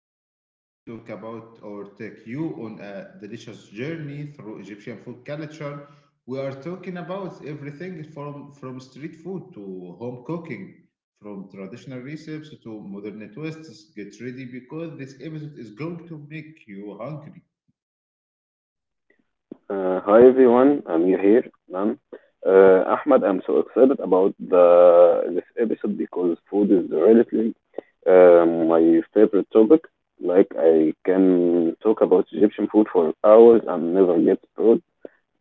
today we are going to talk about or take you on a delicious journey through Egyptian food culture. We are talking about everything from street food to home cooking, from traditional recipes to modern twists. Get ready because this episode is going to make you hungry. Hi everyone, Amir here. Ma'am. Ahmad, I'm so excited about the this episode because food is relatively, my favorite topic. Like I can talk about Egyptian food for hours and never get bored.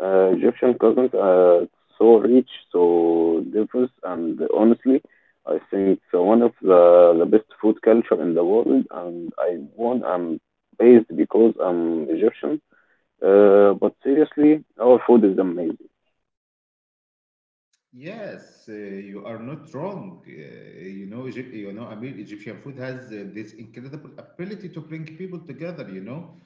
Egyptian cousins are so rich, so diverse, and honestly, I think it's one of the best food culture in the world. And I'm based because I'm Egyptian, but seriously, our food is amazing. Yes, you are not wrong. Egypt, Egyptian food has this incredible ability to bring people together. You know,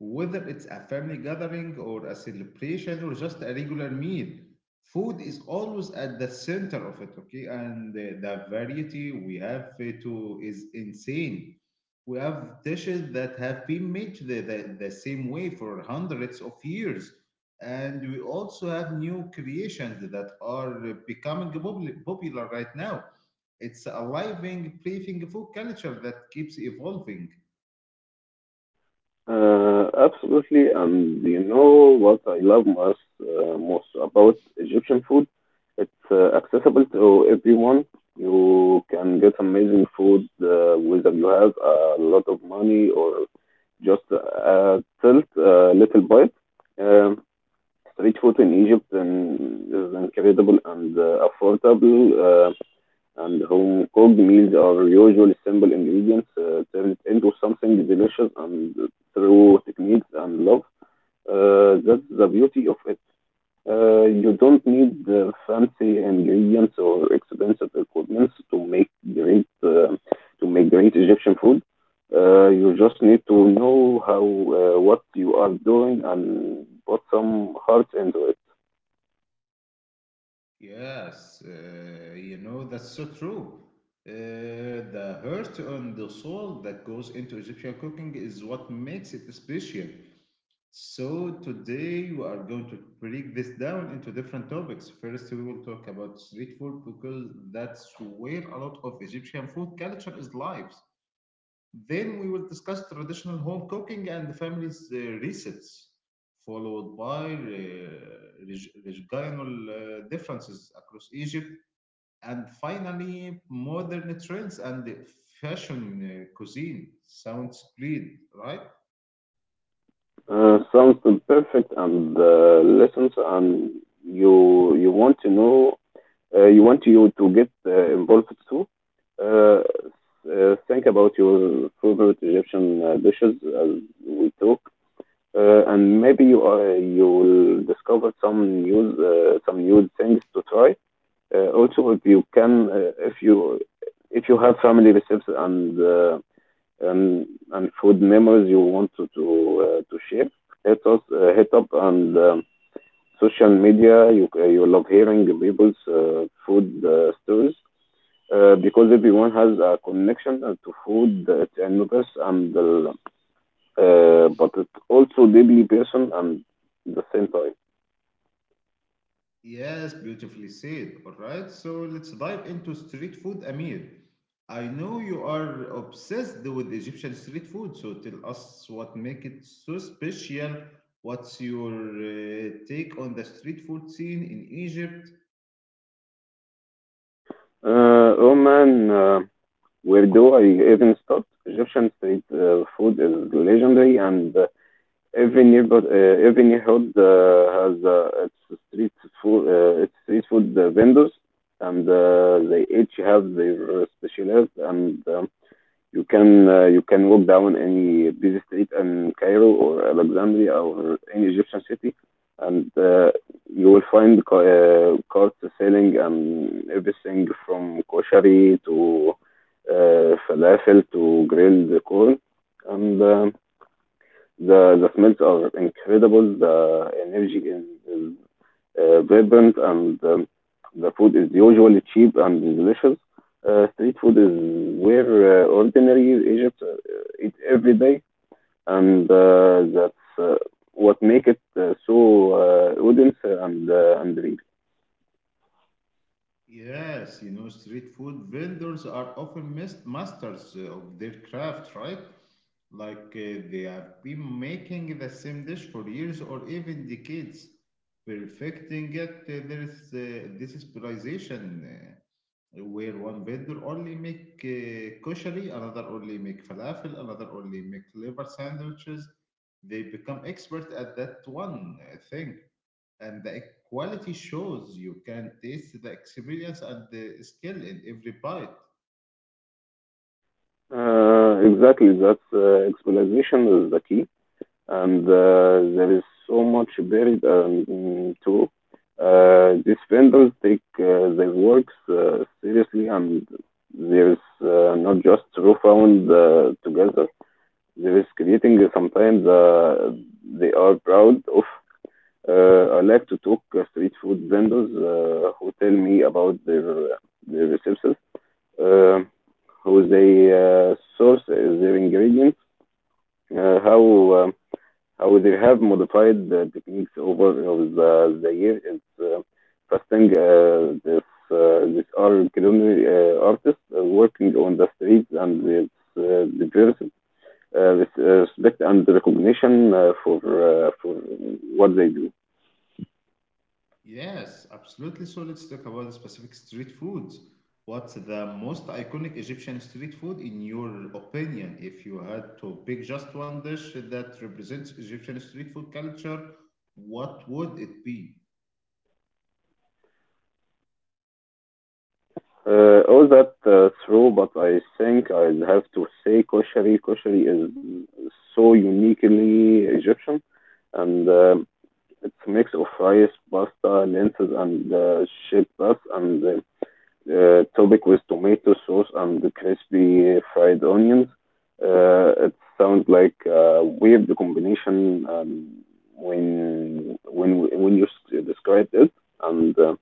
Whether it's a family gathering or a celebration or just a regular meal, food is always at the center of it, okay? And the variety we have to is insane. We have dishes that have been made the same way for hundreds of years. And we also have new creations that are popular right now. It's a living, breathing food culture that keeps evolving. Absolutely, and you know what I love most about Egyptian food? It's accessible to everyone. You can get amazing food whether you have a lot of money or just a tilt, a little bite. Um, Street food in Egypt and is incredible and affordable. And home-cooked meals are usually simple ingredients turned into something delicious and through techniques and love. That's the beauty of it. You don't need the fancy ingredients or expensive equipment to make great Egyptian food. You just need to know how what you are doing and put some heart into it. Yes, that's so true. The heart and the soul that goes into Egyptian cooking is what makes it special. So, today we are going to break this down into different topics. First, we will talk about street food because that's where a lot of Egyptian food culture is lives. Then, we will discuss traditional home cooking and the family's recipes, followed by regional differences across Egypt and finally, modern trends and the fashion cuisine. Sounds great, right? Sounds perfect and lessons and you want to know, you want you to get involved too. Uh, think about your favorite Egyptian dishes as we talk, and maybe you will discover some new things to try. Also, if you can, if you have family recipes and and and food memories you want to share. Hit up on social media. You love hearing people's food stories because everyone has a connection to food. It's universe and but it's also deeply personal and the same time. Yes, beautifully said. All right, so let's dive into street food, Amir. I know you are obsessed with Egyptian street food, so tell us what make it so special. What's your take on the street food scene in Egypt? Oh man, where do I even start? Egyptian street food is legendary and every every neighborhood has its street food vendors, and they each have their specialist. And you can walk down any busy street in Cairo or Alexandria or any Egyptian city, and you will find carts selling everything from koshari to falafel to grilled corn, and. The smells are incredible. The energy is vibrant, and the food is usually cheap and delicious. Street food is where ordinary Egypt eat every day, and that's what make it so audience and real. Yes, you know, street food vendors are often masters of their craft, right? Like they have been making the same dish for years or even decades, perfecting it. There is this specialization where one vendor only make koshari, another only make falafel, another only make liver sandwiches. They become expert at that one thing and the quality shows you can taste the experience and the skill in every bite. Exactly, that's explanation is the key. And there is so much buried in too. These vendors take their works seriously, and there is not just raw found together. There is creating sometimes they are proud of. I like to talk street food vendors who tell me about their resources, uh, how they source their ingredients, uh, how um, how they have modified the techniques over the year is fasting this are culinary artists working on the streets and its diverse with respect and recognition for for what they do. Yes, absolutely. So let's talk about the specific street foods. What's the most iconic Egyptian street food in your opinion? If you had to pick just one dish that represents Egyptian street food culture, what would it be? All that through, but I think I have to say koshari. Koshari is so uniquely Egyptian, and it's a mix of rice, pasta, lentils, and shepherd's, and topic with tomato sauce and crispy fried onions. It sounds like a weird combination when you s- described it, and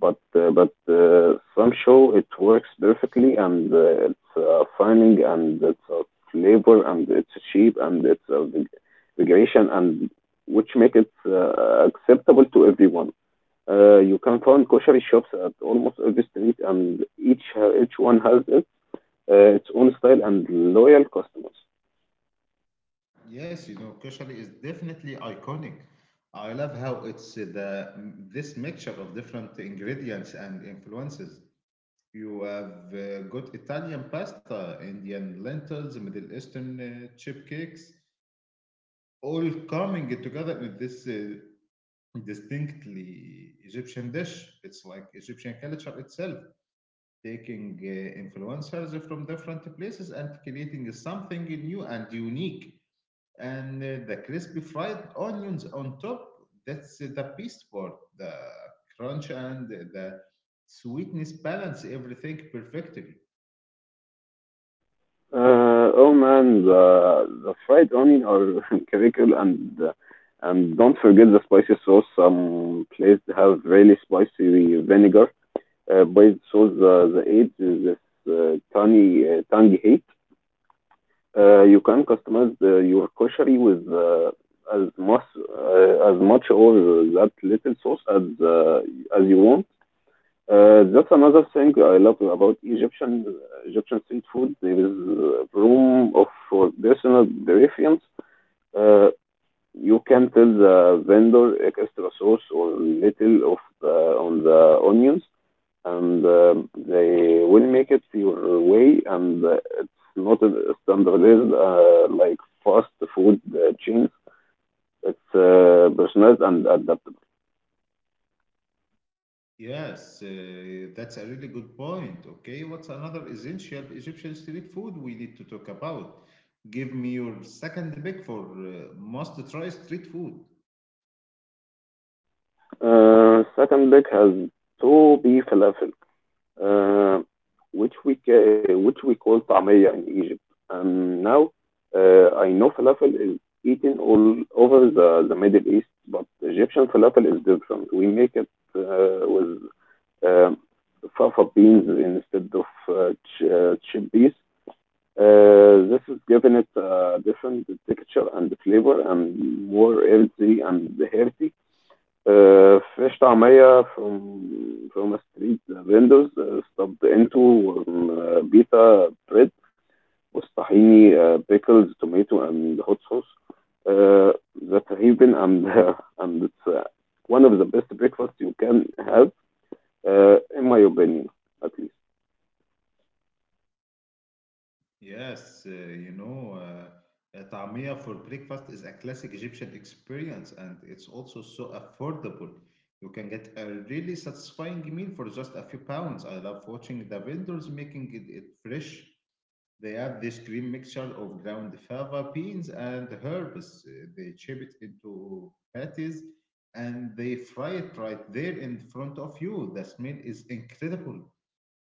but some show it works perfectly and it's finding and it's flavor and it's cheap and it's the regulation and which make it acceptable to everyone. You can find kosher shops at almost every street and each one has it, its own style and loyal customers. Yes, you know, kushari is definitely iconic. I love how it's the this mixture of different ingredients and influences. You have got Italian pasta, Indian lentils, Middle Eastern chip cakes, all coming together in this distinctly Egyptian dish. It's like Egyptian culture itself, taking influencers from different places and creating something new and unique. And the crispy fried onions on top, that's the best part, the crunch and the sweetness balance everything perfectly. Oh man, the fried onion are critical, and don't forget the spicy sauce. Some places have really spicy vinegar based sauce. The eight is this uh, tangy tangy heat. You can customize your koshari with as much uh, as much or that little sauce as you want. That's another thing I love about Egyptian street food. There is room of for personal preference. Uh, you can tell the vendor extra sauce or little of on the onions, and they will make it your way. And it's not a standardized like fast food chains. It's personalized and adaptable. Yes, that's a really good point. Okay, what's another essential Egyptian street food we need to talk about? Give me your second pick for must try street food. Second, Beck has to be falafel, uh, which we call طعمية in Egypt. Now, I know falafel is eaten all over the Middle East, but Egyptian falafel is different. We make it with um fava beans instead of chip beans. This is giving it a different texture and flavor and more earthy and healthy. آه، في عيش طعمية from a street vendors آه، stubbed into bread والطحيني آه، pickles tomato and hot sauce, uh, that's heaven, and and it's one of the best breakfasts you can have in my opinion at least. Yes, a طعمية for breakfast is a classic Egyptian experience and it's also so affordable. You can get a really satisfying meal for just a few pounds. I love watching the vendors making it, it fresh. They have this green mixture of ground fava beans and herbs. They chip it into patties and they fry it right there in front of you. The smell is incredible.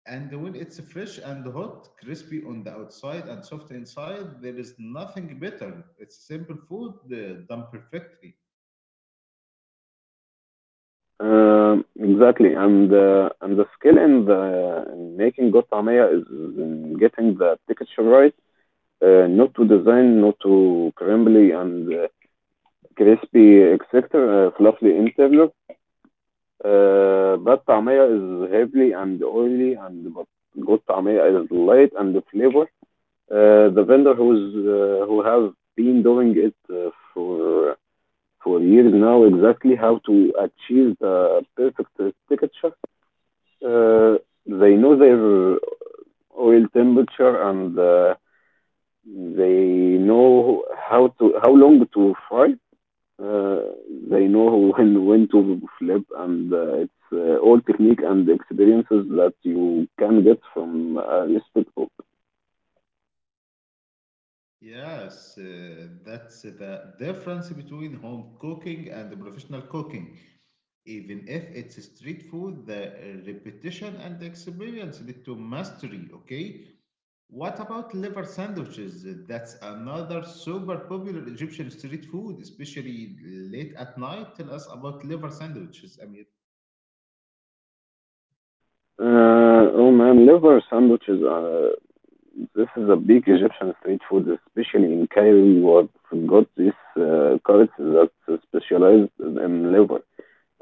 And when it's fresh and hot, crispy on the outside and soft inside, there is nothing better. It's simple food done perfectly. Exactly, and the skill in the in making good tamaya is in getting the texture right, not too design not too crumbly and crispy, etc., fluffy in flavor. But tamaya is heavily and oily, and but good tamaya is light and flavor. The vendor who's who have been doing it for years now exactly how to achieve the perfect texture. Uh, they know their oil temperature and they know how long to fry, uh, they know when to flip, and it's all technique and experiences that you can get from a recipe book. Yes, that's the difference between home cooking and professional cooking. Even if it's street food, the repetition and experience lead to mastery, okay? What about liver sandwiches? That's another super popular Egyptian street food, especially late at night. Tell us about liver sandwiches, Amir. Oh man, liver sandwiches. This is a big Egyptian street food, especially in Cairo. What got this carrots that specialized in liver,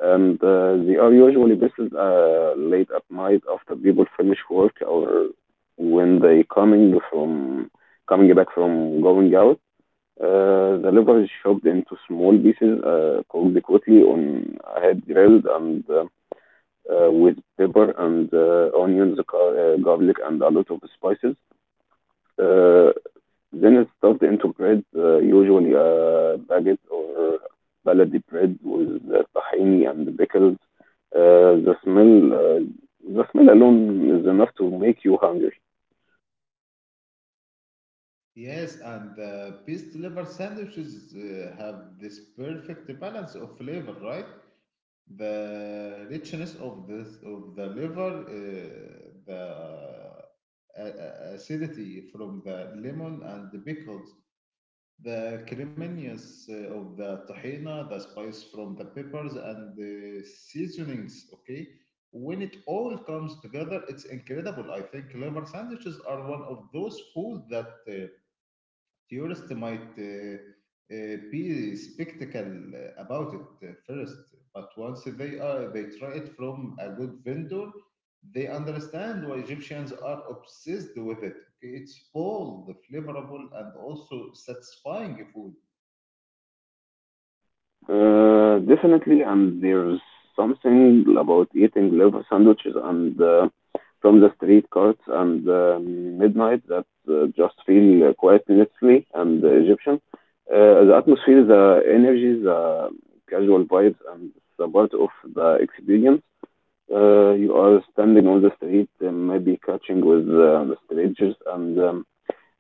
and they are usually based late at night after people finish work or when they coming from coming back from going out. The liver is chopped into small pieces, cooked quickly on a head grill and with pepper and onions, garlic, and a lot of spices. Uh, Then it's stuffed into bread, usually a baguette or baladi bread with tahini and pickles. The smell, the smell alone is enough to make you hungry. Yes, and best liver sandwiches have this perfect balance of flavor, right? The richness of this of the liver, the acidity from the lemon and the pickles, the creaminess of the tahina, the spice from the peppers and the seasonings. Okay, when it all comes together, it's incredible. I think liver sandwiches are one of those food that theorists might be skeptical about it at first, but once they try it from a good vendor, they understand why Egyptians are obsessed with it. Okay, it's bold, flavorful, and also satisfying food. Definitely, and there's something about eating liver sandwiches and from the street carts and midnight that just feel quite necessary and Egyptian. The atmosphere, the energy, the casual vibes, and the part of the experience. You are standing on the street, maybe catching with strangers, and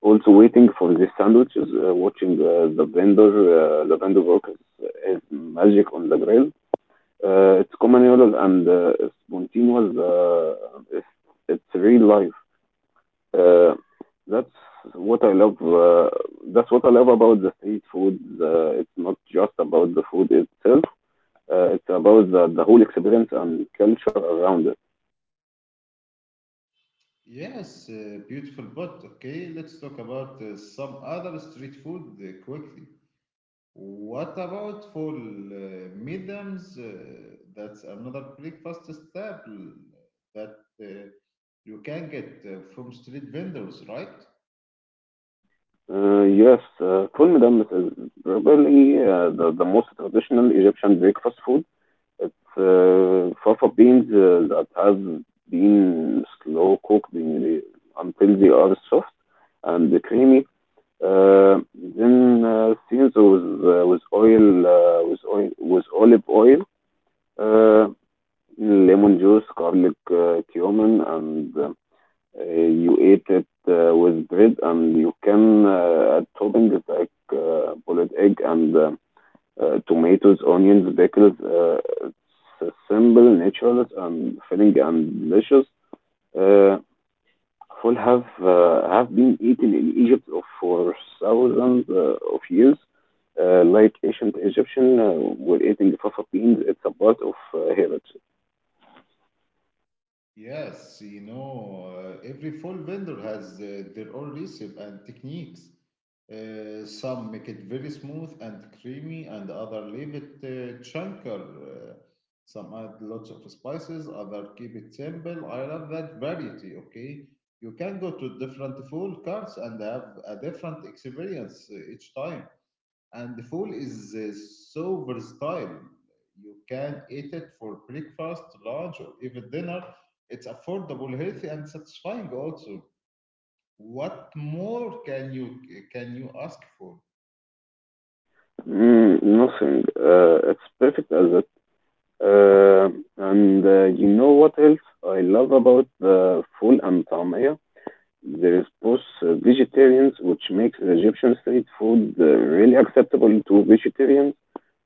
also waiting for the sandwiches, watching the vendor workers as magic on the grill. It's communal and spontaneous. It's, it's real life. Uh, that's what I love. That's what I love about the street food. It's not just about the food itself. It's about the whole experience and culture around it. Yes, beautiful. But okay, let's talk about some other street food quickly. What about for mediums? That's another breakfast staple that uh, you can get from street vendors, right? Yes, ful medames is probably the most traditional Egyptian breakfast food. It's fava beans that have been slow cooked in, until they are soft and creamy. Uh, then seasoned with with olive oil, uh, lemon juice, garlic, cumin, and you eat it with bread. And you can add toppings like boiled egg and tomatoes, onions, pickles. It's simple, natural, and filling and delicious. Uh, Full have been eaten in Egypt for thousands of years. Like ancient Egyptian were eating fafa beans, it's a part of heritage. Yes, you know, every fall vendor has their own recipe and techniques. Some make it very smooth and creamy, and other leave it chunkier. Some add lots of spices, other keep it simple. I love that variety. Okay, you can go to different full carts and have a different experience each time. And the fool is so versatile. You can eat it for breakfast, lunch, or even dinner. It's affordable, healthy, and satisfying also. What more can you ask for? Mm, nothing. It's perfect as it. Uh, and you know what else I love about the full and tamaya? There is post-vegetarians, which makes Egyptian street food really acceptable to vegetarians.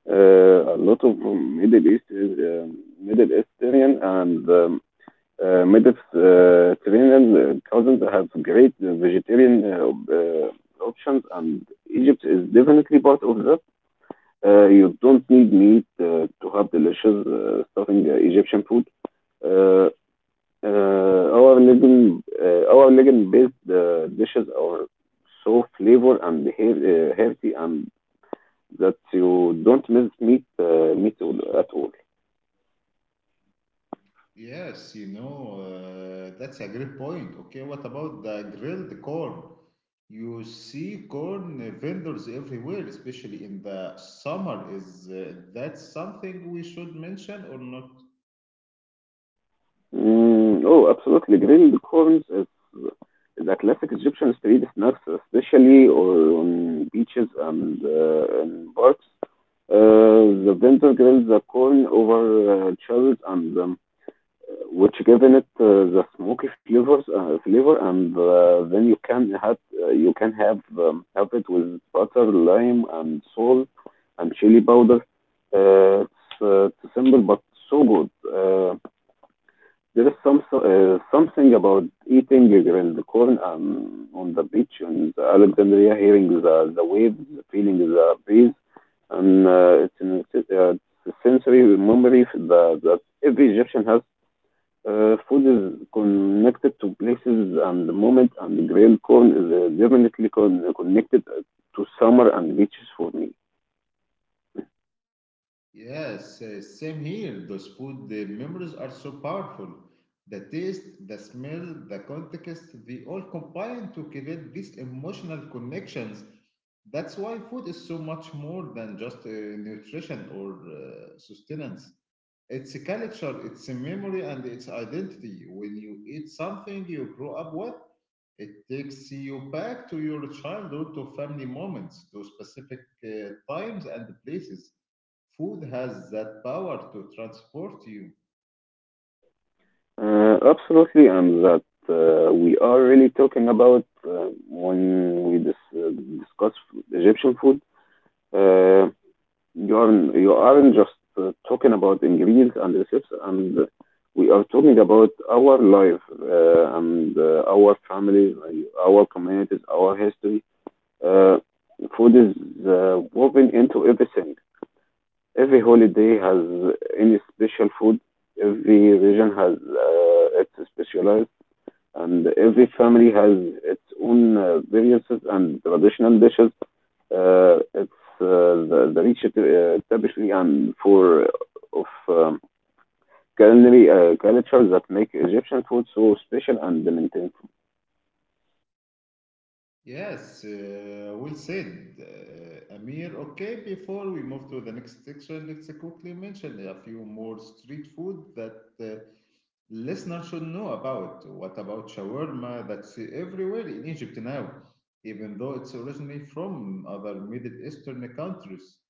A lot of Middle Eastern and Mediterranean cousins have great vegetarian options, and Egypt is definitely part of that. You don't need meat to have delicious stuffing Egyptian food. Uh, our Legon based dishes are so flavor and healthy and that you don't miss meat at all. Yes, you know, that's a great point. Okay, what about the grilled corn? You see corn vendors everywhere, especially in the summer. Is that something we should mention or not? Mm, oh, absolutely. Is a classic Egyptian street snack, especially or on beaches and in parks. The vendor grills the corn over chowls and the which given it the smoky flavor and then you can have it with butter, lime and salt and chili powder. It's simple but so good. Uh, there is some so, Something about eating grilled corn on the beach in Alexandria, hearing the waves, feeling the breeze, and it's a sensory memory that every Egyptian has. Food is connected to places and the moment, and grilled corn is definitely connected to summer and beaches for me. Yes, same here. Those food the memories are so powerful. The taste, the smell, the context, they all combine to create these emotional connections. That's why food is so much more than just nutrition or sustenance. It's a culture, it's a memory, and it's identity. When you eat something you grow up with, it takes you back to your childhood, to family moments, to specific times and places. Food has that power to transport you. Absolutely, and that we are really talking about when we discuss Egyptian food. Uh, you aren't just talking about ingredients and recipes, and we are talking about our life and our families, our communities, our history. Uh, Food is woven into everything. Every holiday has any special food. Every region has its specialized, and every family has its own variances and traditional dishes. It's The rich tapestry and for of culinary culture that make Egyptian food so special and maintainable. Yes, well said. Amir, okay, before we move to the next section, let's quickly mention a few more street food that uh, listeners should know about. What about shawarma? That's everywhere in Egypt now, even though it's originally from other Middle Eastern countries.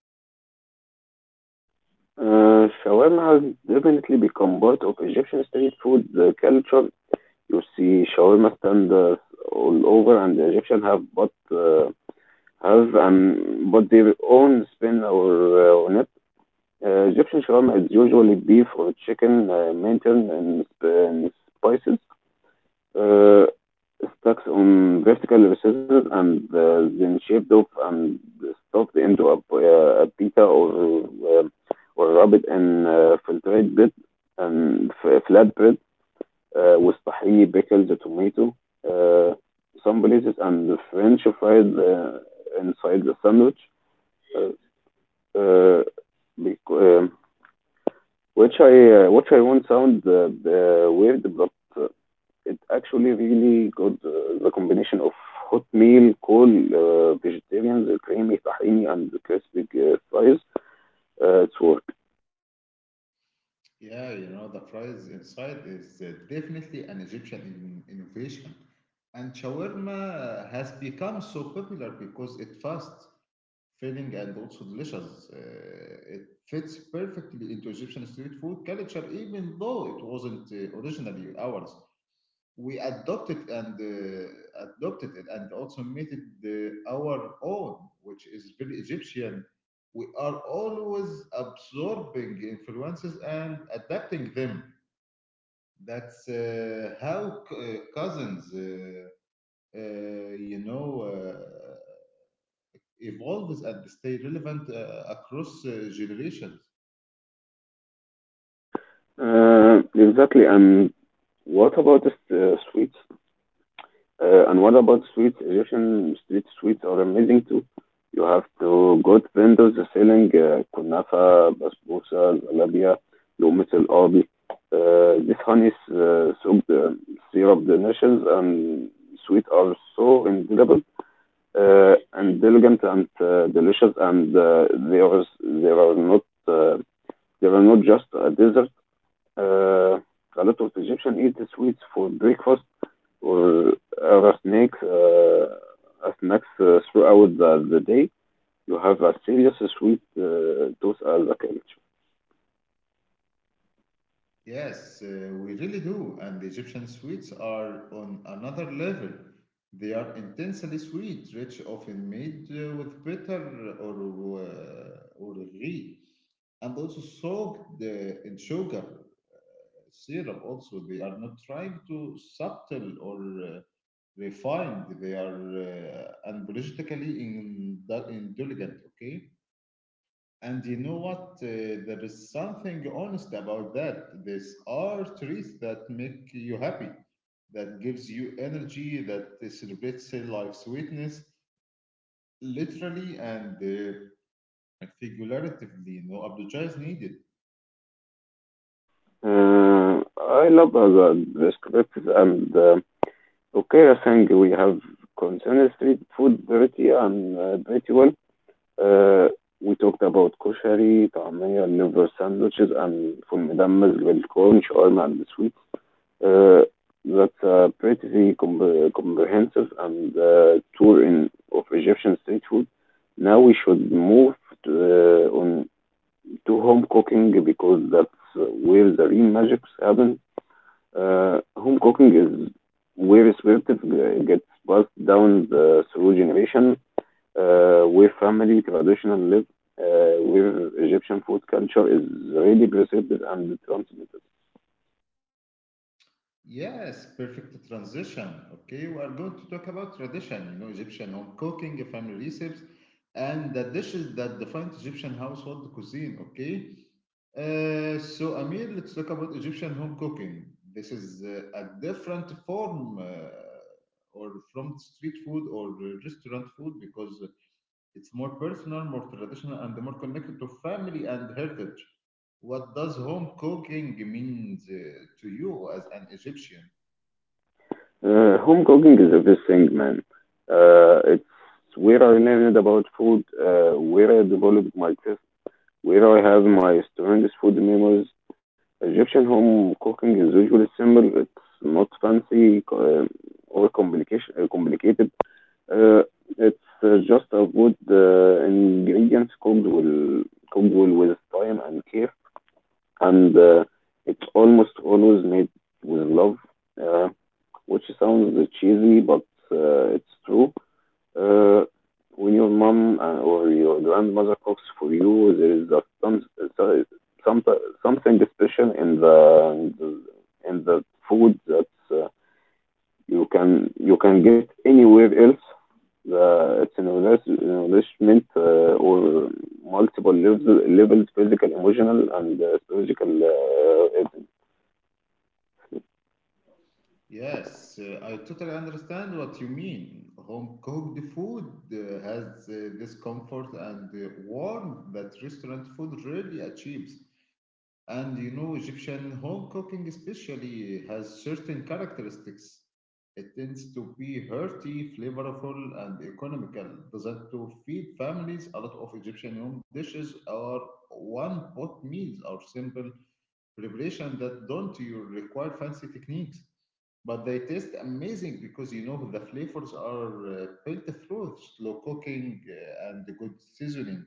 Shawarma has definitely become part of Egyptian street food culture. You see shawarma stands all over, and the Egyptian have but their own spin or on it. Egyptian shawarma is usually beef or chicken, maintained in spices, uh, stacks on vertical recesses, and then shaped up and stuffed into a pita or uh, or rubbed in filtered bread and flat bread with tahini, pickles, tomato, uh, some places, and the French fries inside the sandwich, uh, uh, bec- um which I won't sound weird, but uh, it actually really good. The combination of hot meal, cold, vegetarian, the creamy tahini, and the crispy fries, it's work. Yeah, you know, the fries inside is definitely an Egyptian innovation. And shawarma has become so popular because it's fast, filling, and also delicious. It fits perfectly into Egyptian street food culture, even though it wasn't originally ours. We adopted and adopted it and also made it our own, which is very Egyptian. We are always absorbing influences and adapting them. That's how cousins, uh, you know, uh, evolves and stay relevant across generations. Exactly, and what about the sweets? And what about sweets? Egyptian street sweets are amazing too. You have to go to vendors selling kunafa, basbousa, zalabia, لقمة القاضي. This honey is soaked syrup delicious and sweet are so indelible, and elegant and delicious, and uh, they are not uh, they are not just a dessert. Uh, a lot of Egyptians eat the sweets for breakfast or other snakes, snacks throughout the day. You have a serious sweet tooth as a culture. Yes, we really do. And the Egyptian sweets are on another level. They are intensely sweet, rich, often made with bitter or ghee, and also soaked in sugar syrup. Also, they are not trying to subtle or uh, refined. They are and politically in indulgent. Okay. And you know what? There is something honest about that. These are treats that make you happy, that gives you energy, that celebrates life's sweetness, literally and figuratively. No apologize needed. Uh, I love the scripts, and okay, I think we have concerned street food pretty well. Uh, we talked about koshari, طعمية, liver sandwiches, and full مدمس, بالcorn, shawarma, and the sweet. Uh, That's a pretty comprehensive and tour in of Egyptian street food. Now we should move on to home cooking because that's where the real magic happens. Home cooking is where spirit gets passed down through generation, where family tradition live, where Egyptian food culture is really preserved and transmitted. Yes, perfect transition. Okay, we are going to talk about tradition, you know, Egyptian home cooking, family recipes, and the dishes that define Egyptian household cuisine. Okay, so Amir, let's talk about Egyptian home cooking. This is a different form or from street food or restaurant food because it's more personal, more traditional, and more connected to family and heritage. What does home cooking mean to you as an Egyptian? Home cooking is everything, man. It's where I learned about food, where I developed my taste, where I have my strongest food memories. Egyptian home cooking is usually simple. It's not fancy or complicated. Uh, it's just about good ingredients cooked well with time and care, and it's almost always made with love, uh, which sounds cheesy, but it's true. Uh, when your mom or your grandmother cooks for you, there is a some, so- some something special in the food that uh, you can get anywhere else. The it's an enrichment or multiple levels: physical, emotional and psychological. Yes, I totally understand what you mean. Home cooked food has this comfort and warmth that restaurant food really achieves. And you know, Egyptian home cooking especially has certain characteristics. It tends to be hearty, flavorful, and economical. Designed to feed families, a lot of Egyptian home dishes are one-pot meals or simple preparation that don't you require fancy techniques. But they taste amazing because you know the flavors are built through slow cooking and good seasoning.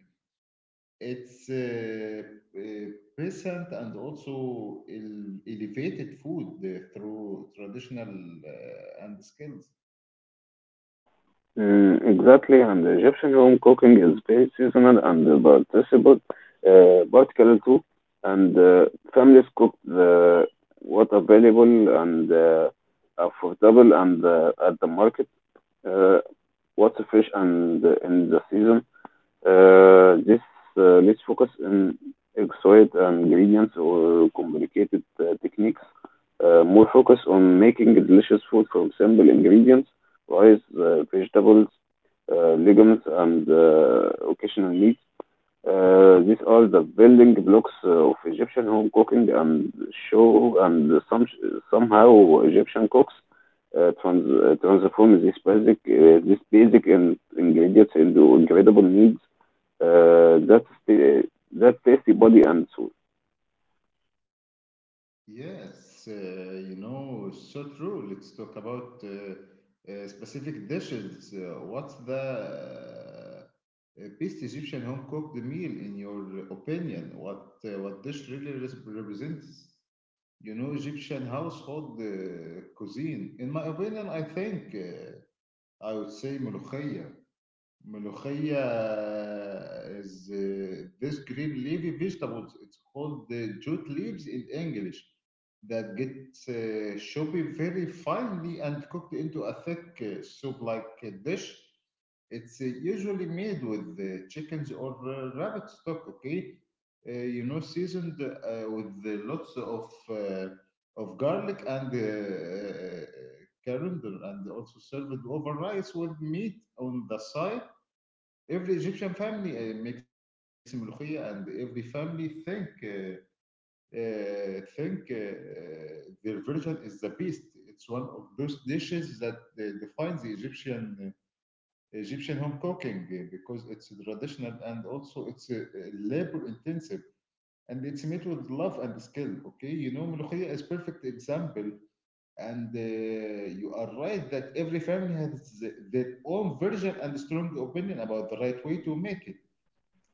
It's present and also elevated food through traditional and skills. Mm, exactly, and the Egyptian home cooking is very seasonal and participable particular too, and families cook the what available and affordable and at the market, uh, what's fresh and in the season. This Let's focus on exotic ingredients or complicated techniques. More focus on making delicious food from simple ingredients, rice, vegetables, legumes, and occasional meats. These are the building blocks of Egyptian home cooking, and show, and some, somehow Egyptian cooks transform these basic ingredients into incredible needs uh, that sta- that tasty body and soul. Yes, so true. Let's talk about specific dishes. What's the best Egyptian home cooked meal in your opinion? What dish really represents, you know, Egyptian household cuisine? In my opinion, I think. I would say ملوخية. ملوخية is this green leafy vegetables. It's called the jute leaves in English that gets chopped very finely and cooked into a thick soup-like dish. It's usually made with chickens or rabbit stock, okay? Seasoned with the lots of garlic and coriander, and also served over rice with meat on the side. Every Egyptian family makes ملوخية, and every family think their version is the best. It's one of those dishes that defines the Egyptian Egyptian home cooking because it's traditional and also it's labor intensive and it's made with love and skill. Okay, you know, Mulukhia is perfect example, and you are right that every family has their own version and strong opinion about the right way to make it.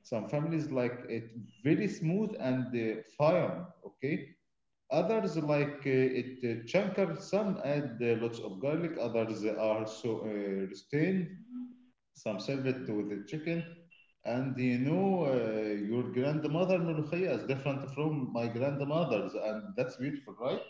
Some families like it very smooth and fine. Okay, others like it chunker. Some add lots of garlic. Others are so restrained, some serve it with the chicken. And you know, your grandmother Mulukhia is different from my grandmother's, and that's beautiful, right?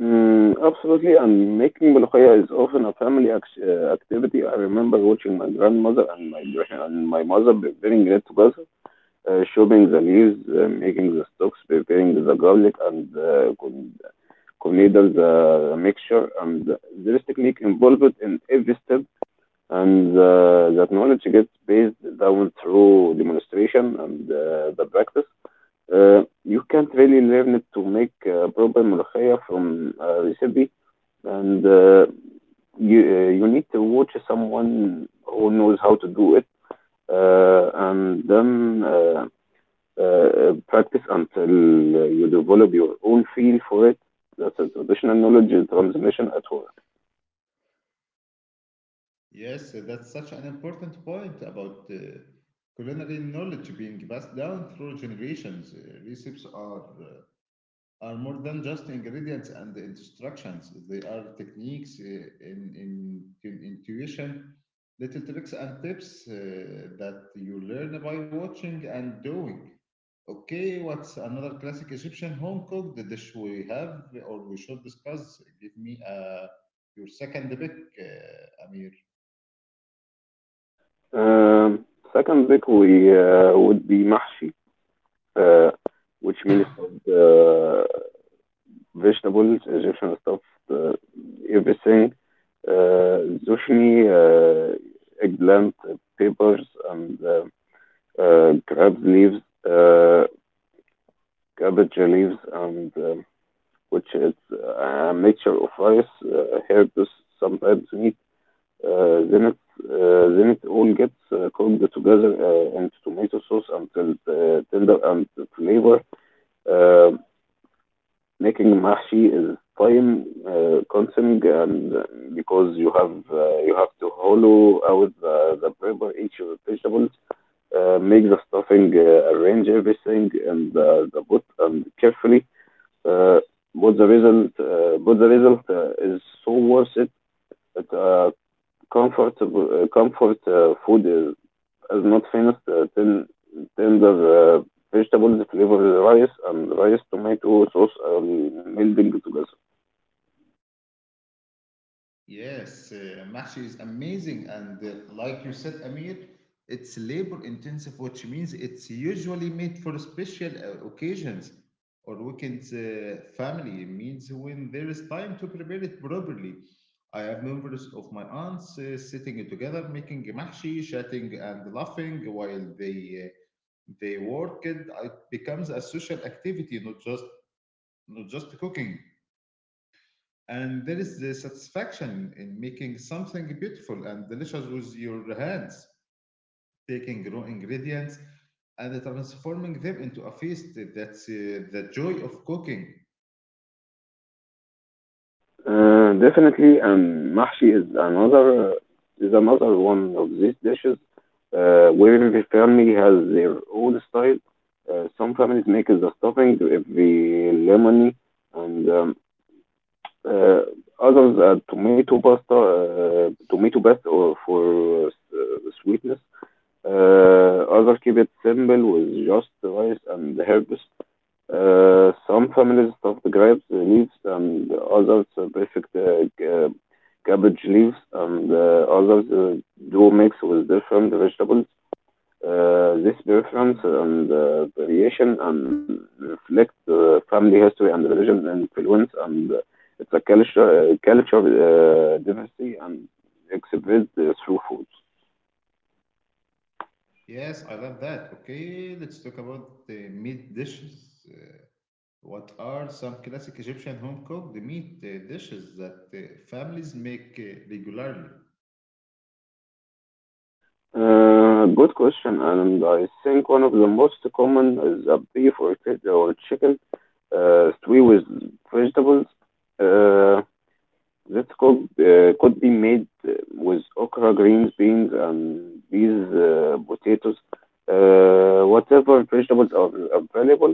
Mm, absolutely, and making molokhaya is often a family activity. I remember watching my grandmother and my mother preparing it together, chopping the leaves, making the stocks, preparing the garlic, and the mixture. And there is technique involved in every step, and that knowledge gets passed down through demonstration and the practice. You can't really learn it to make proper ملوخية from a recipe, and you need to watch someone who knows how to do it, and then practice until you develop your own feel for it. That's a traditional knowledge transmission at work. Yes, that's such an important point about culinary knowledge being passed down through generations. Recipes are more than just ingredients and instructions. They are techniques in intuition, little tricks and tips that you learn by watching and doing. Okay, what's another classic Egyptian home cooked dish we have or we should discuss? Give me your second pick, Amir. Um, Second pick we would be mahshi, uh, which means stuffed vegetables. Egyptian stuff uh, everything, uh, zucchini, eggplant, peppers, and crab leaves, uh, cabbage leaves, and which is a mixture of rice, herbs, sometimes meat. Uh, then it then it all gets cooked together into tomato sauce until tender and flavor. Uh, Making mahshi is time consuming and because you have to hollow out the pepper each of the vegetables, make the stuffing, arrange everything in the pot and carefully, uh, but the result is so worth it. That, uh, Comfort food is not finished. Tender vegetables, flavored rice, and rice, tomato sauce are melding together. Yes, Mahshi is amazing. And like you said, Amir, it's labor intensive, which means it's usually made for special occasions or weekends. Family means when there is time to prepare it properly. I have members of my aunts sitting together, making mahshi, chatting and laughing while they work. It becomes a social activity, not just cooking, and there is the satisfaction in making something beautiful and delicious with your hands, taking raw ingredients and transforming them into a feast. That's the joy of cooking. Definitely, and mahshi is another one of these dishes where every family has their own style. Some families make the stuffing every lemony, and uh, others add tomato pasta, tomato paste or for sweetness. Others keep it simple with just rice and herbs. Some families stuff the grapes leaves and others perfect cabbage leaves and others do mix with different vegetables. This preference and variation and reflect family history and religion influence, and culture diversity and exhibit through food. Yes, I love that. Okay, let's talk about the meat dishes. What are some classic Egyptian home cooked meat dishes that families make regularly? Good question, and I think one of the most common is a beef or chicken stew with vegetables. Uh, This could be made with okra, greens, beans, and these potatoes, whatever vegetables are available.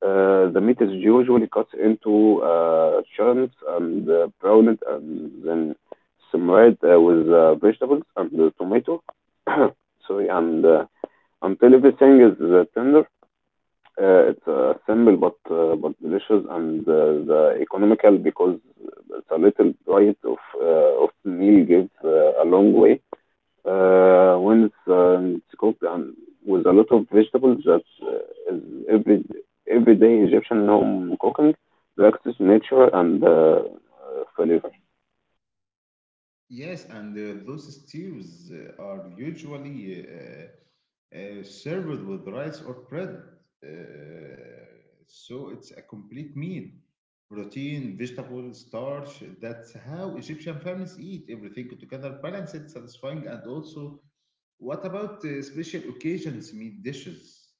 The meat is usually cut into chunks and browned and then simmered with vegetables and the tomato. Sorry, and until everything is tender. It's simple but delicious and the economical because it's a little bite of meal gives a long way. When it's It's cooked and with a lot of vegetables, that's is every everyday Egyptian home cooking, to access nature and flavor. Yes, and those stews are usually served with rice or bread. Uh, so it's a complete meal. Protein, vegetable, starch. That's how Egyptian families eat everything together, balanced, satisfying, and also. What about special occasions meat dishes?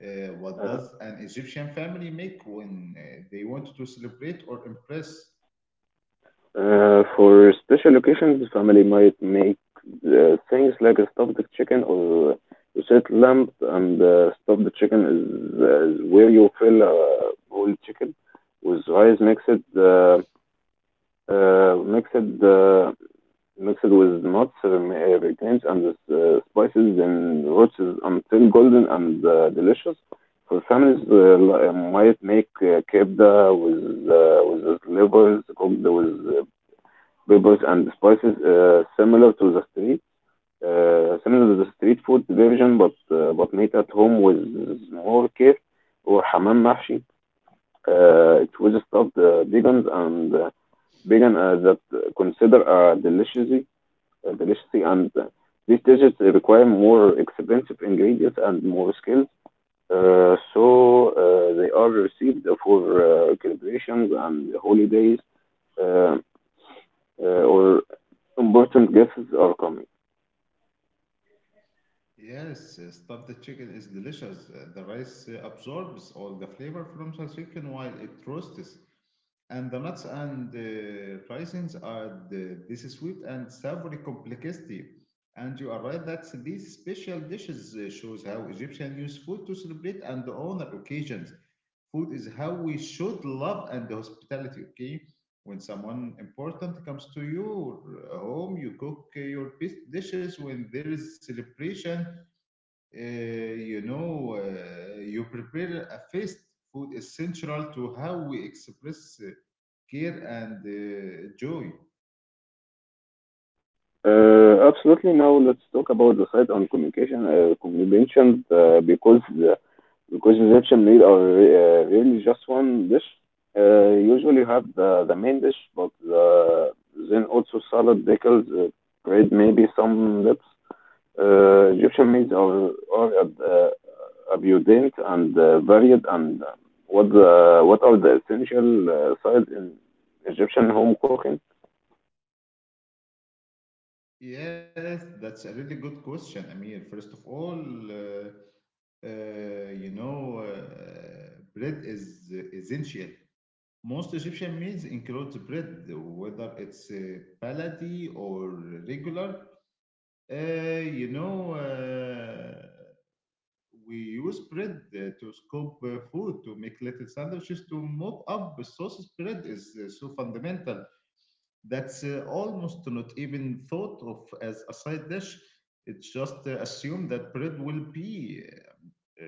What Uh, does an Egyptian family make when they want to celebrate or impress? For special occasions, family might make things like a stuffed chicken or a set lamb, and stuffed chicken is where you fill a whole chicken with rice uh, uh, mixed uh, mixed with nuts, grains, and spices, then roasts until golden and delicious. For families, might make kebda with slivers cooked with peppers and spices similar to the street food version but made at home with more care, or hamam mahshi. It with stuffed vegans and vegan that consider deliciously, and these dishes require more expensive ingredients and more skills. So they are received for celebrations and holidays, uh, or important guesses are coming. Yes, stuffed chicken is delicious. The rice absorbs all the flavor from the chicken while it roasts, and the nuts and raisins add this sweet and savory complexity. And you are right that these special dishes shows how Egyptians use food to celebrate and honor occasions. Food is how we should love and hospitality. Okay, when someone important comes to your home, you cook your best dishes. When there is celebration, you know, you prepare a feast. Food is central to how we express care and joy. Absolutely. Now let's talk about the side on communication, combinations, because Egyptian meal are really just one dish. Usually have the main dish, but the, then also salad, pickles, bread, maybe some dips. Egyptian meals are are uh, abundant and varied. And what are the essential sides in Egyptian home cooking? Yes, that's a really good question, Amir. First of all, uh, uh, you know, bread is essential. Most Egyptian meals include bread, whether it's palati or regular. You know, we use bread to scoop food, to make little sandwiches, to mop up the sauce. Bread is so fundamental that's almost not even thought of as a side dish. It's just assumed that bread will be uh,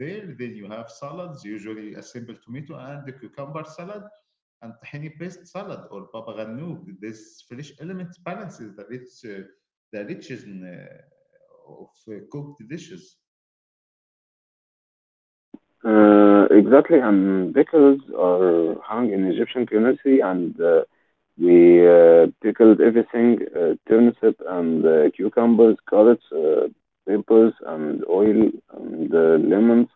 there. Then you have salads, usually a simple tomato and a cucumber salad, and tahini paste salad or baba ganoush. This fresh element balances the richness uh, of cooked dishes. Exactly, and pickles are hung in Egyptian community, and we pickled everything: turnip and cucumbers, carrots, peppers, and oil, and lemons.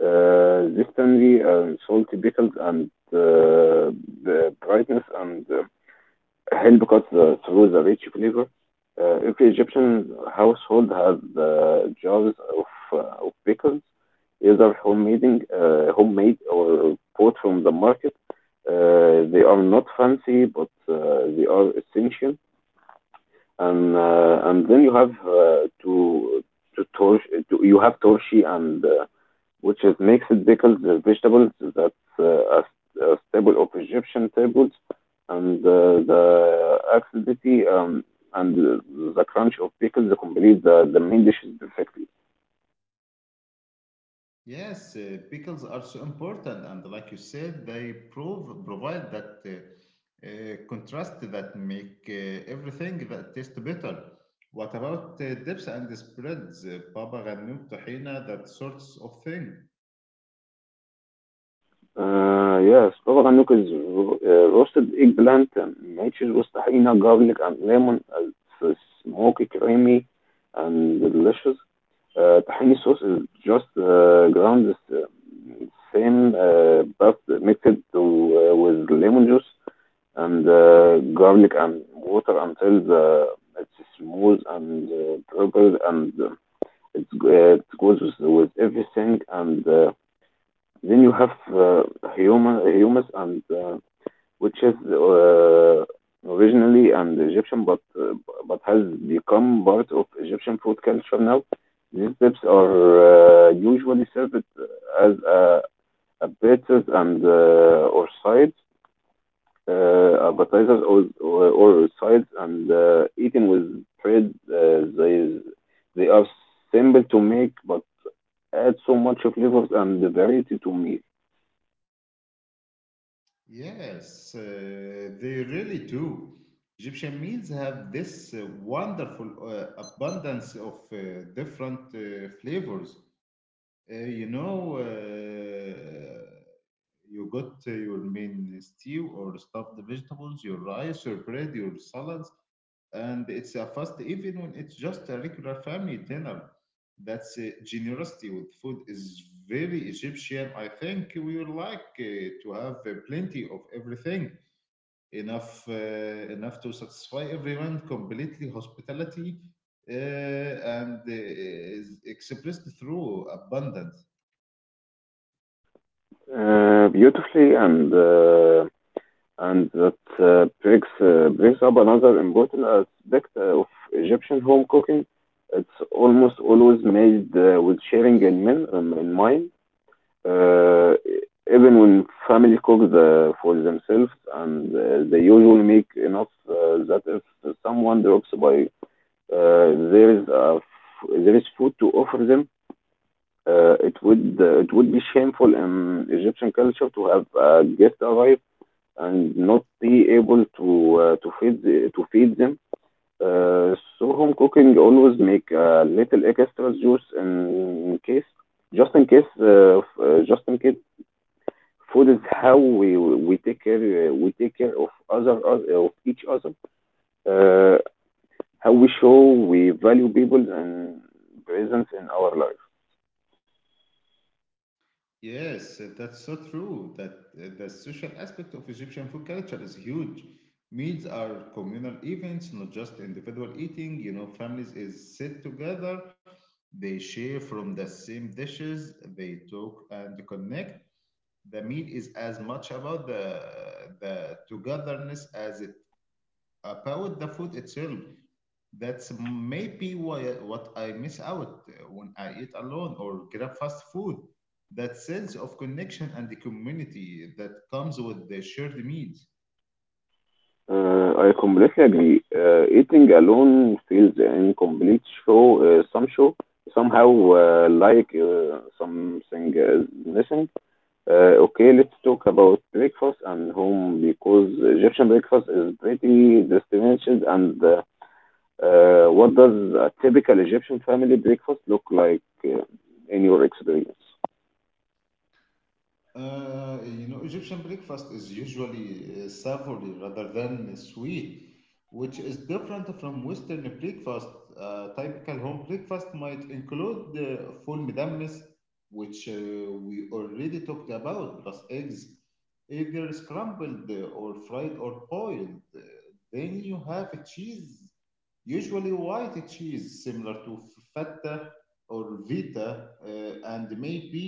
This tangy and salty pickles and uh, the brightness and حلو because through the rich flavor, every Egyptian household has jars of pickles, either homemade, homemade or bought from the market. They are not fancy, but they are essential and then you have to tor you have torshi and which is mixed pickled vegetables that's a staple of Egyptian tables and the acidity, and the crunch of pickles complete the main dishes perfectly. Yes, pickles are so important, and like you said, they prove provide that contrast that make everything that taste better. What about dips and spreads, baba ganoush, tahina, that sorts of thing? Yes, طبعا نوكيز روستد ايج بلانت matches with tahina, garlic and lemon as smoky, creamy and delicious. Tahini sauce is just ground the same but mixed with lemon juice and garlic and water until it's smooth and purple and it goes with everything and then you have uh, humans and which is originally an Egyptian, but has become part of Egyptian food culture now. These dips are usually served as appetizers and or sides, appetizers or or sides, and eaten with bread. They are simple to make, but add so much flavors and variety to meals. Yes, they really do. Egyptian meals have this wonderful abundance of different flavors. You know. Uh, You got your main stew or stuffed vegetables, your rice, your bread, your salads, and it's a fast even when it's just a regular family dinner. That's generosity with food is very Egyptian. I think we would like to have plenty of everything, enough uh, enough to satisfy everyone completely. Hospitality uh, and is expressed through abundance. Beautifully, and that brings up another important aspect of Egyptian home cooking. It's almost always made with sharing in mind. Uh, Even when family cooks for themselves, and they usually make enough that if someone drops by, there is food to offer them. It would be shameful in Egyptian culture to have a guest arrive and not be able to to feed them. So home cooking always make a little extra juice in case just in case food is how we take care, we take care of other of each other, uh, how we show we value people and presence in our life. Yes, that's so true that the social aspect of Egyptian food culture is huge. Meals are communal events, not just individual eating. You know, families is sit together, they share from the same dishes, they talk and connect. The meal is as much about the togetherness as it about the food itself. That's maybe why, what I miss out when I eat alone or grab fast food. That sense of connection and the community that comes with the shared meals. I completely agree. Eating alone feels incomplete. Show some show Somehow, something is missing. Okay, let's talk about breakfast and home because Egyptian breakfast is pretty distinguished. And What does a typical Egyptian family breakfast look like, in your experience? You know, Egyptian breakfast is usually savory rather than sweet, which is different from Western breakfast. Typical home breakfast might include the full midammis, which we already talked about, plus eggs, either scrambled or fried or boiled. Then you have cheese, usually white cheese, similar to feta or vita, and maybe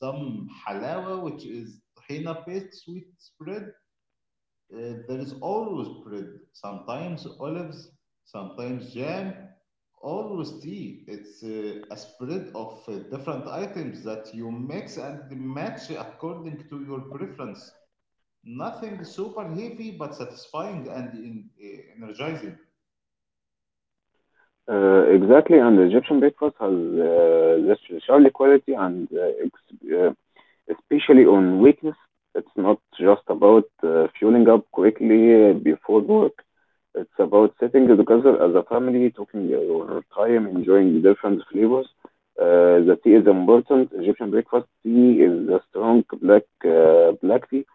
some halawa, which is tahina paste, sweet spread. There is always bread, sometimes olives, sometimes jam, always tea. It's a spread of different items that you mix and match according to your preference. Nothing super heavy, but satisfying and energizing. Exactly, and Egyptian breakfast has this surely quality and especially on weekends. It's not just about fueling up quickly before work. It's about sitting together as a family, talking your time, enjoying different flavors. The tea is important. Egyptian breakfast tea is a strong black black tea,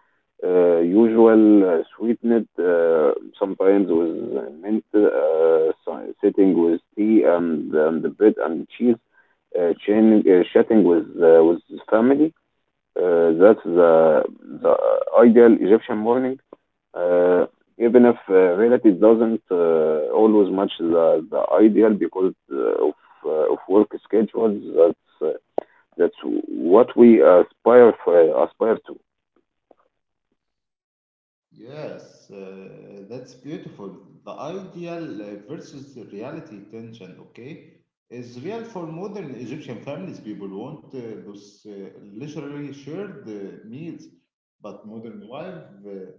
usual sweetened, sometimes with mint, sitting with tea and the bread and cheese, chatting with family. That's The ideal Egyptian morning, uh, even if reality doesn't always match the ideal because of work schedules. That's what we aspire for, aspire to. Yes, that's beautiful. The ideal versus the reality tension, okay, is real for modern Egyptian families. People want those leisurely shared meals, but modern life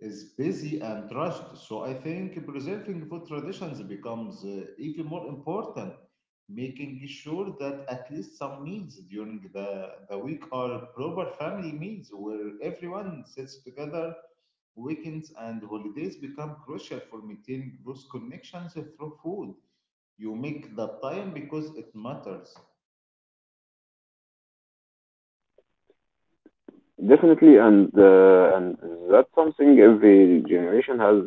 is busy and rushed. So I think preserving food traditions becomes even more important, making sure that at least some meals during the week are proper family meals where everyone sits together. Weekends and holidays become crucial for maintaining those connections through food. You make the time because it matters. Definitely, and that's something every generation has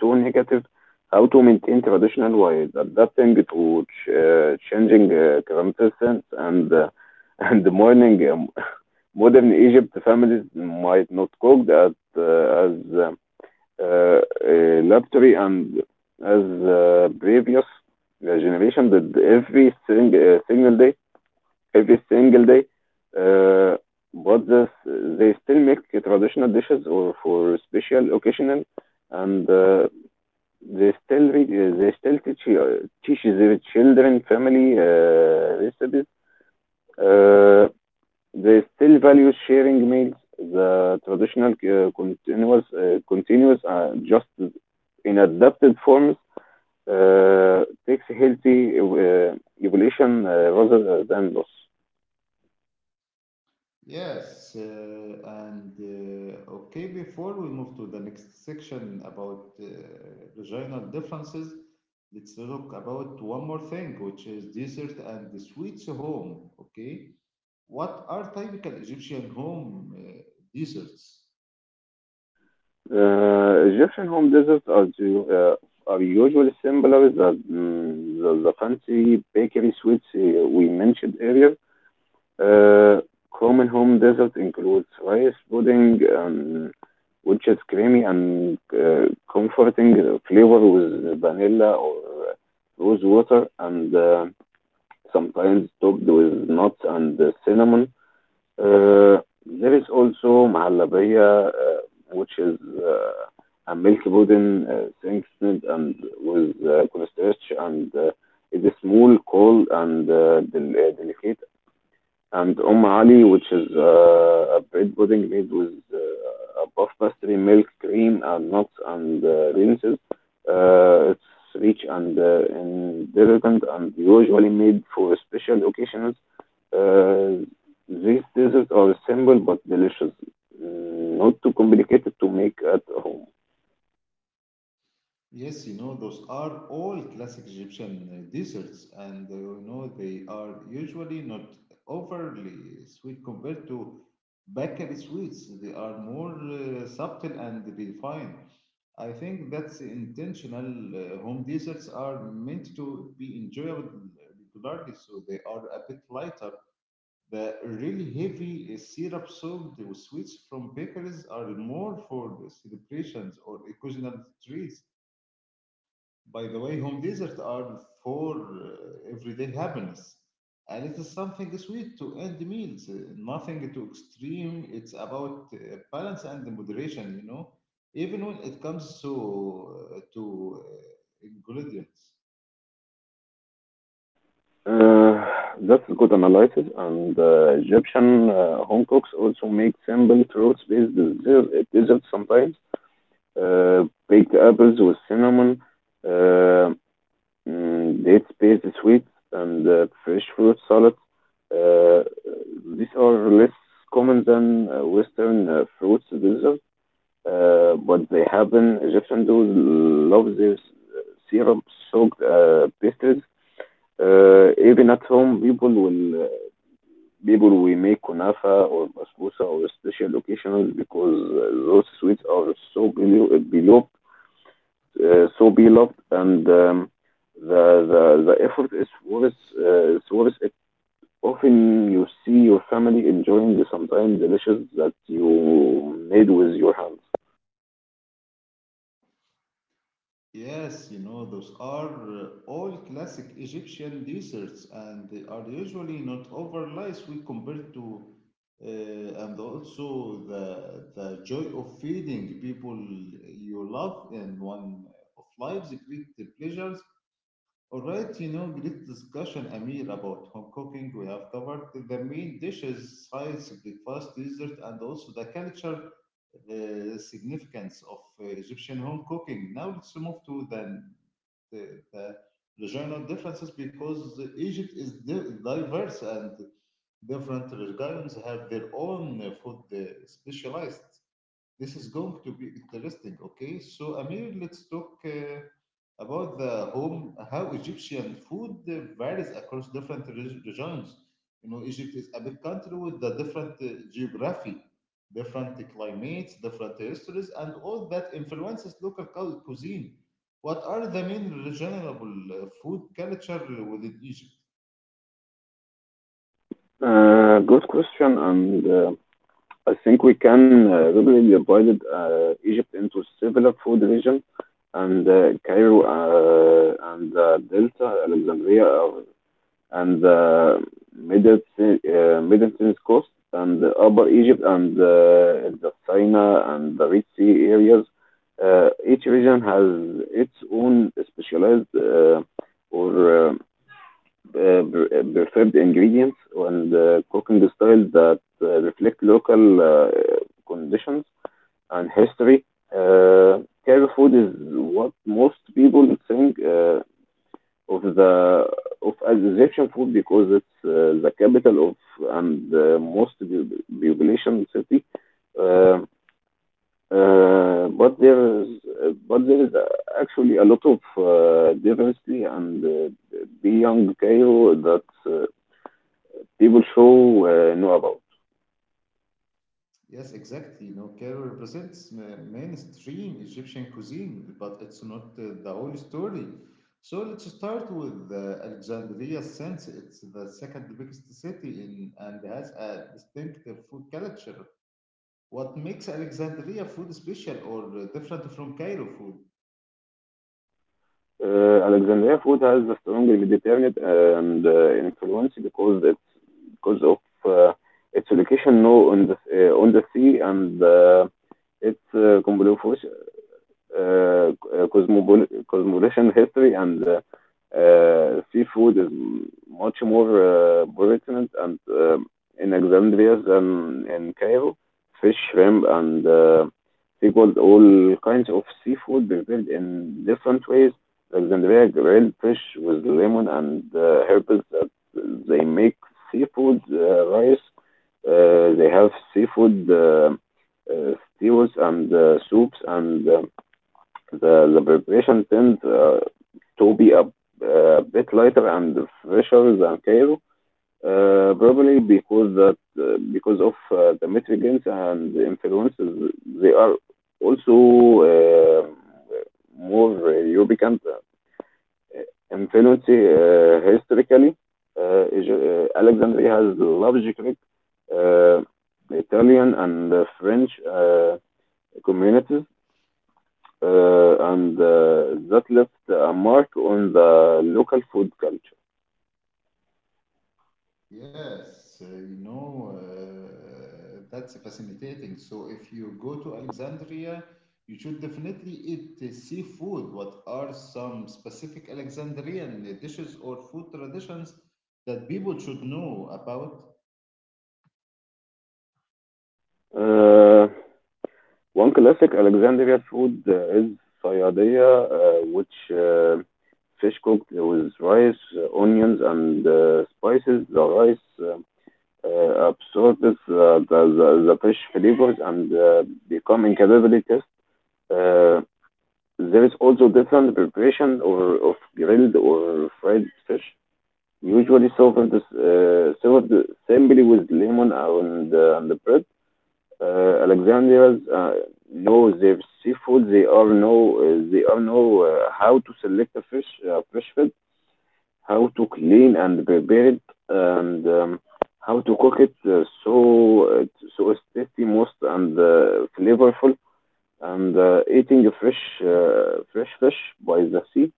too negative, how to maintain traditional while adapting to changing circumstances and, and mourning, modern Egypt families might not cook that as uh, a luxury and as previous generation did every single day. Uh, but this, they still make traditional dishes or for special occasion and they still teach teach their children family recipes. Uh, they still value sharing meals. The traditional continuous, just in adapted forms, uh, takes healthy evolution, rather than loss. Yes, and okay, before we move to the next section about regional differences, let's look about one more thing, which is dessert and the sweets home. Okay, what are typical Egyptian home desserts? Egyptian home desserts are are usually similar to the fancy bakery sweets we mentioned earlier. Uh, Common home dessert includes rice pudding, which is creamy and comforting flavor with vanilla or rose water, and sometimes topped with nuts and cinnamon. Uh, there is also mahallabiyya, which is a milk pudding thickened and with cornstarch, and it is small, cold, and delicate, and Ali, which is a bread pudding made with a puff pastry, milk, cream, and nuts and raisins. It's rich and indulgent and usually made for special occasions. Uh, these desserts are simple but delicious, not too complicated to make at home. Yes, you know, those are all classic Egyptian desserts, and you know, they are usually not overly sweet compared to bakery sweets. They are more subtle and refined. I think that's intentional. Home desserts are meant to be enjoyable regularly, so they are a bit lighter. The really heavy syrup soaked sweets from bakeries are more for the celebrations or occasional treats. By the way, home desserts are for everyday happiness, and it's something sweet to end meals, nothing too extreme. It's about balance and moderation, you know, even when it comes to ingredients. Uh, that's good analysis. And Egyptian home cooks also make simple fruits-based desserts sometimes. uh, Baked apples with cinnamon, uh, date based sweets, and fresh fruit salads. Uh, these are less common than Western fruits dessert, but they happen. Egyptians do love their syrup soaked pastries. Even at home, people will make kunafa or basbousa or special occasions because those sweets are so below, below so beloved, and, the effort is worth it. Often you see your family enjoying the sometimes delicious that you made with your hands. Yes, you know, those are all classic Egyptian desserts and they are usually not overly We compared to, and also the joy of feeding people you love in one of life's great pleasures. All right, you know, great discussion, Amir, about home cooking. We have covered the main dishes, sides, breakfast, dessert, and also the culture significance of Egyptian home cooking. Now let's move to the regional differences, because Egypt is diverse and different regions have their own food specialized. This is going to be interesting. Okay, so Amir, let's talk about the home, how Egyptian food varies across different regions. You know, Egypt is a big country with the different geography, different climates, different histories, and all that influences local cuisine. What are the main regional food culture within Egypt? Good question, and I think we can really divide Egypt into several food regions, and Cairo and Delta, Alexandria are and the Middle East coast and the Upper Egypt and the Sinai and the Red Sea areas. Each region has its own specialized, or uh, preferred ingredients and cooking styles that reflect local conditions and history. Uh, Carib food is what most people think of, the of Egyptian food because it's the capital of and most population city. Uh, uh, but there is but there is actually a lot of diversity and beyond Cairo that people show know about. Yes, exactly. You know, Cairo represents mainstream Egyptian cuisine, but it's not the whole story. So let's start with Alexandria, since it's the second biggest city in and has a distinctive food culture. What makes Alexandria food special or different from Cairo food? Alexandria food has a strong Mediterranean and, influence because it's because of uh, its location now on the sea and its uh, uh, cosmopolitan history and, seafood is much more pertinent and in Alexandria than in Cairo. Fish, shrimp, and sequels all kinds of seafood prepared in different ways. Alexandria grilled fish with lemon and herbs that they make seafood rice. They have seafood stews and soups and, the preparation tends to be a bit lighter and fresher than Cairo, probably because of the mitigants and the influences. They are also more European influence historically. Uh, Alexandria has large Greek, uh, Italian, and French communities and that left a mark on the local food culture. Yes, you know, that's fascinating. So if you go to Alexandria, you should definitely eat seafood. What are some specific Alexandrian dishes or food traditions that people should know about? Uh, One classic Alexandria food is sayadiyya, which fish cooked with rice, onions, and spices. The rice absorbs the fish flavors and become incredibly tasty. Uh, there is also different preparation or of grilled or fried fish. Usually served Served simply with lemon and and bread. Alexandrians know their seafood. They are know how to select a fish, fresh food, how to clean and prepare it, and, how to cook it so so it's tasty, most and flavorful. And eating a fresh fish by the sea,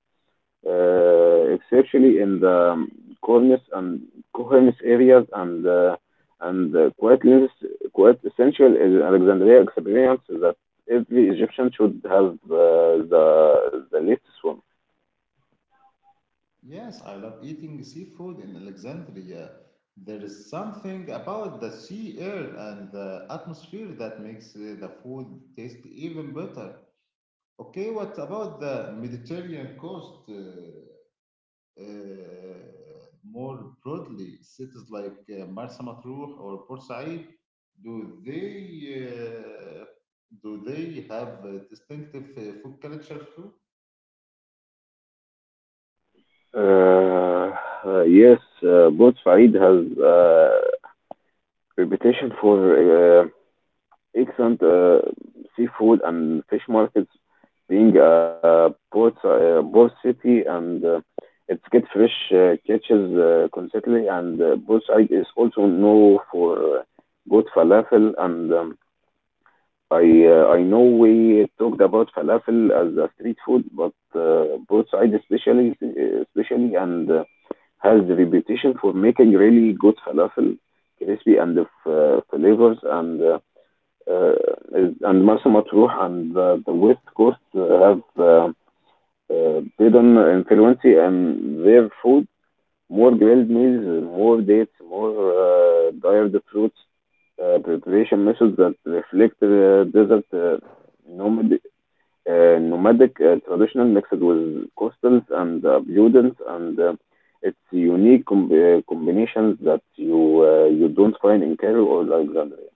especially in the, cornice and cornice areas, and uh, quite less, quite essential is Alexandria experience that every Egyptian should have the latest one. Yes, I love eating seafood in Alexandria. There is something about the sea air and the atmosphere that makes the food taste even better. Okay, what about the Mediterranean coast? More broadly, cities like Marsa Matruh or Port, do they uh, do they have a distinctive food culture too? Uh, yes, both Farid has reputation for excellent seafood and fish markets, being a port city, and it gets fresh catches constantly. And Bursaid is also known for good falafel. And, I know we talked about falafel as a street food, but Bursaid especially especially and has the reputation for making really good falafel, crispy and the flavors and, uh, and مرسى مطروح and the west coast have Baden influence and their food more grilled meals, more dates, more dried fruits, preparation methods that reflect desert nomad, nomadic traditional mixed with coastals and abundance and it's unique combinations that you you don't find in Cairo or Alexandria.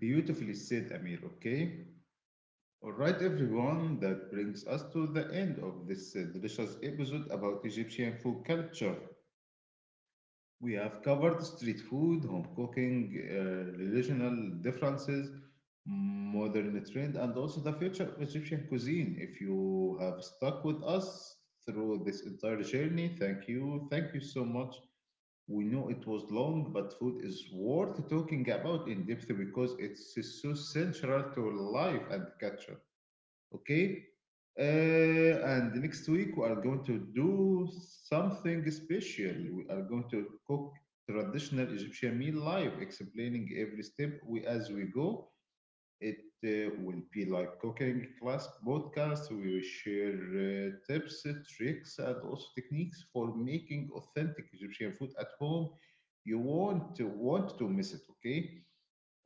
Beautifully said, Amir. Okay. All right, everyone, that brings us to the end of this delicious episode about Egyptian food culture. We have covered street food, home cooking, regional differences, modern trend, and also the future of Egyptian cuisine. If you have stuck with us through this entire journey, thank you. Thank you so much. We know it was long, but food is worth talking about in depth because it's so central to life and culture. Okay, and next week we are going to do something special. We are going to cook traditional Egyptian meal live, explaining every step we as we go it. Will be like cooking class podcast. We will share tips, tricks, and also techniques for making authentic Egyptian food at home. You won't want to miss it. Okay,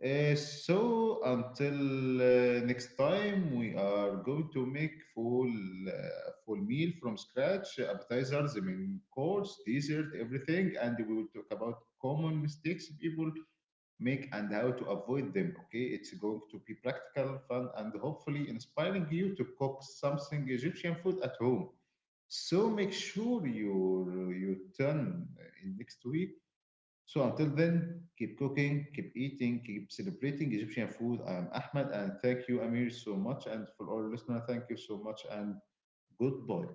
so until next time, we are going to make full meal from scratch, appetizers, the main course, dessert, everything, and we will talk about common mistakes people make and how to avoid them. Okay, it's going to be practical, fun, and hopefully inspiring you to cook something Egyptian food at home. So make sure you turn in next week. So until then, keep cooking, keep eating, keep celebrating Egyptian food. I am Ahmed and thank you, Amir, so much. And for all listeners, thank you so much and goodbye.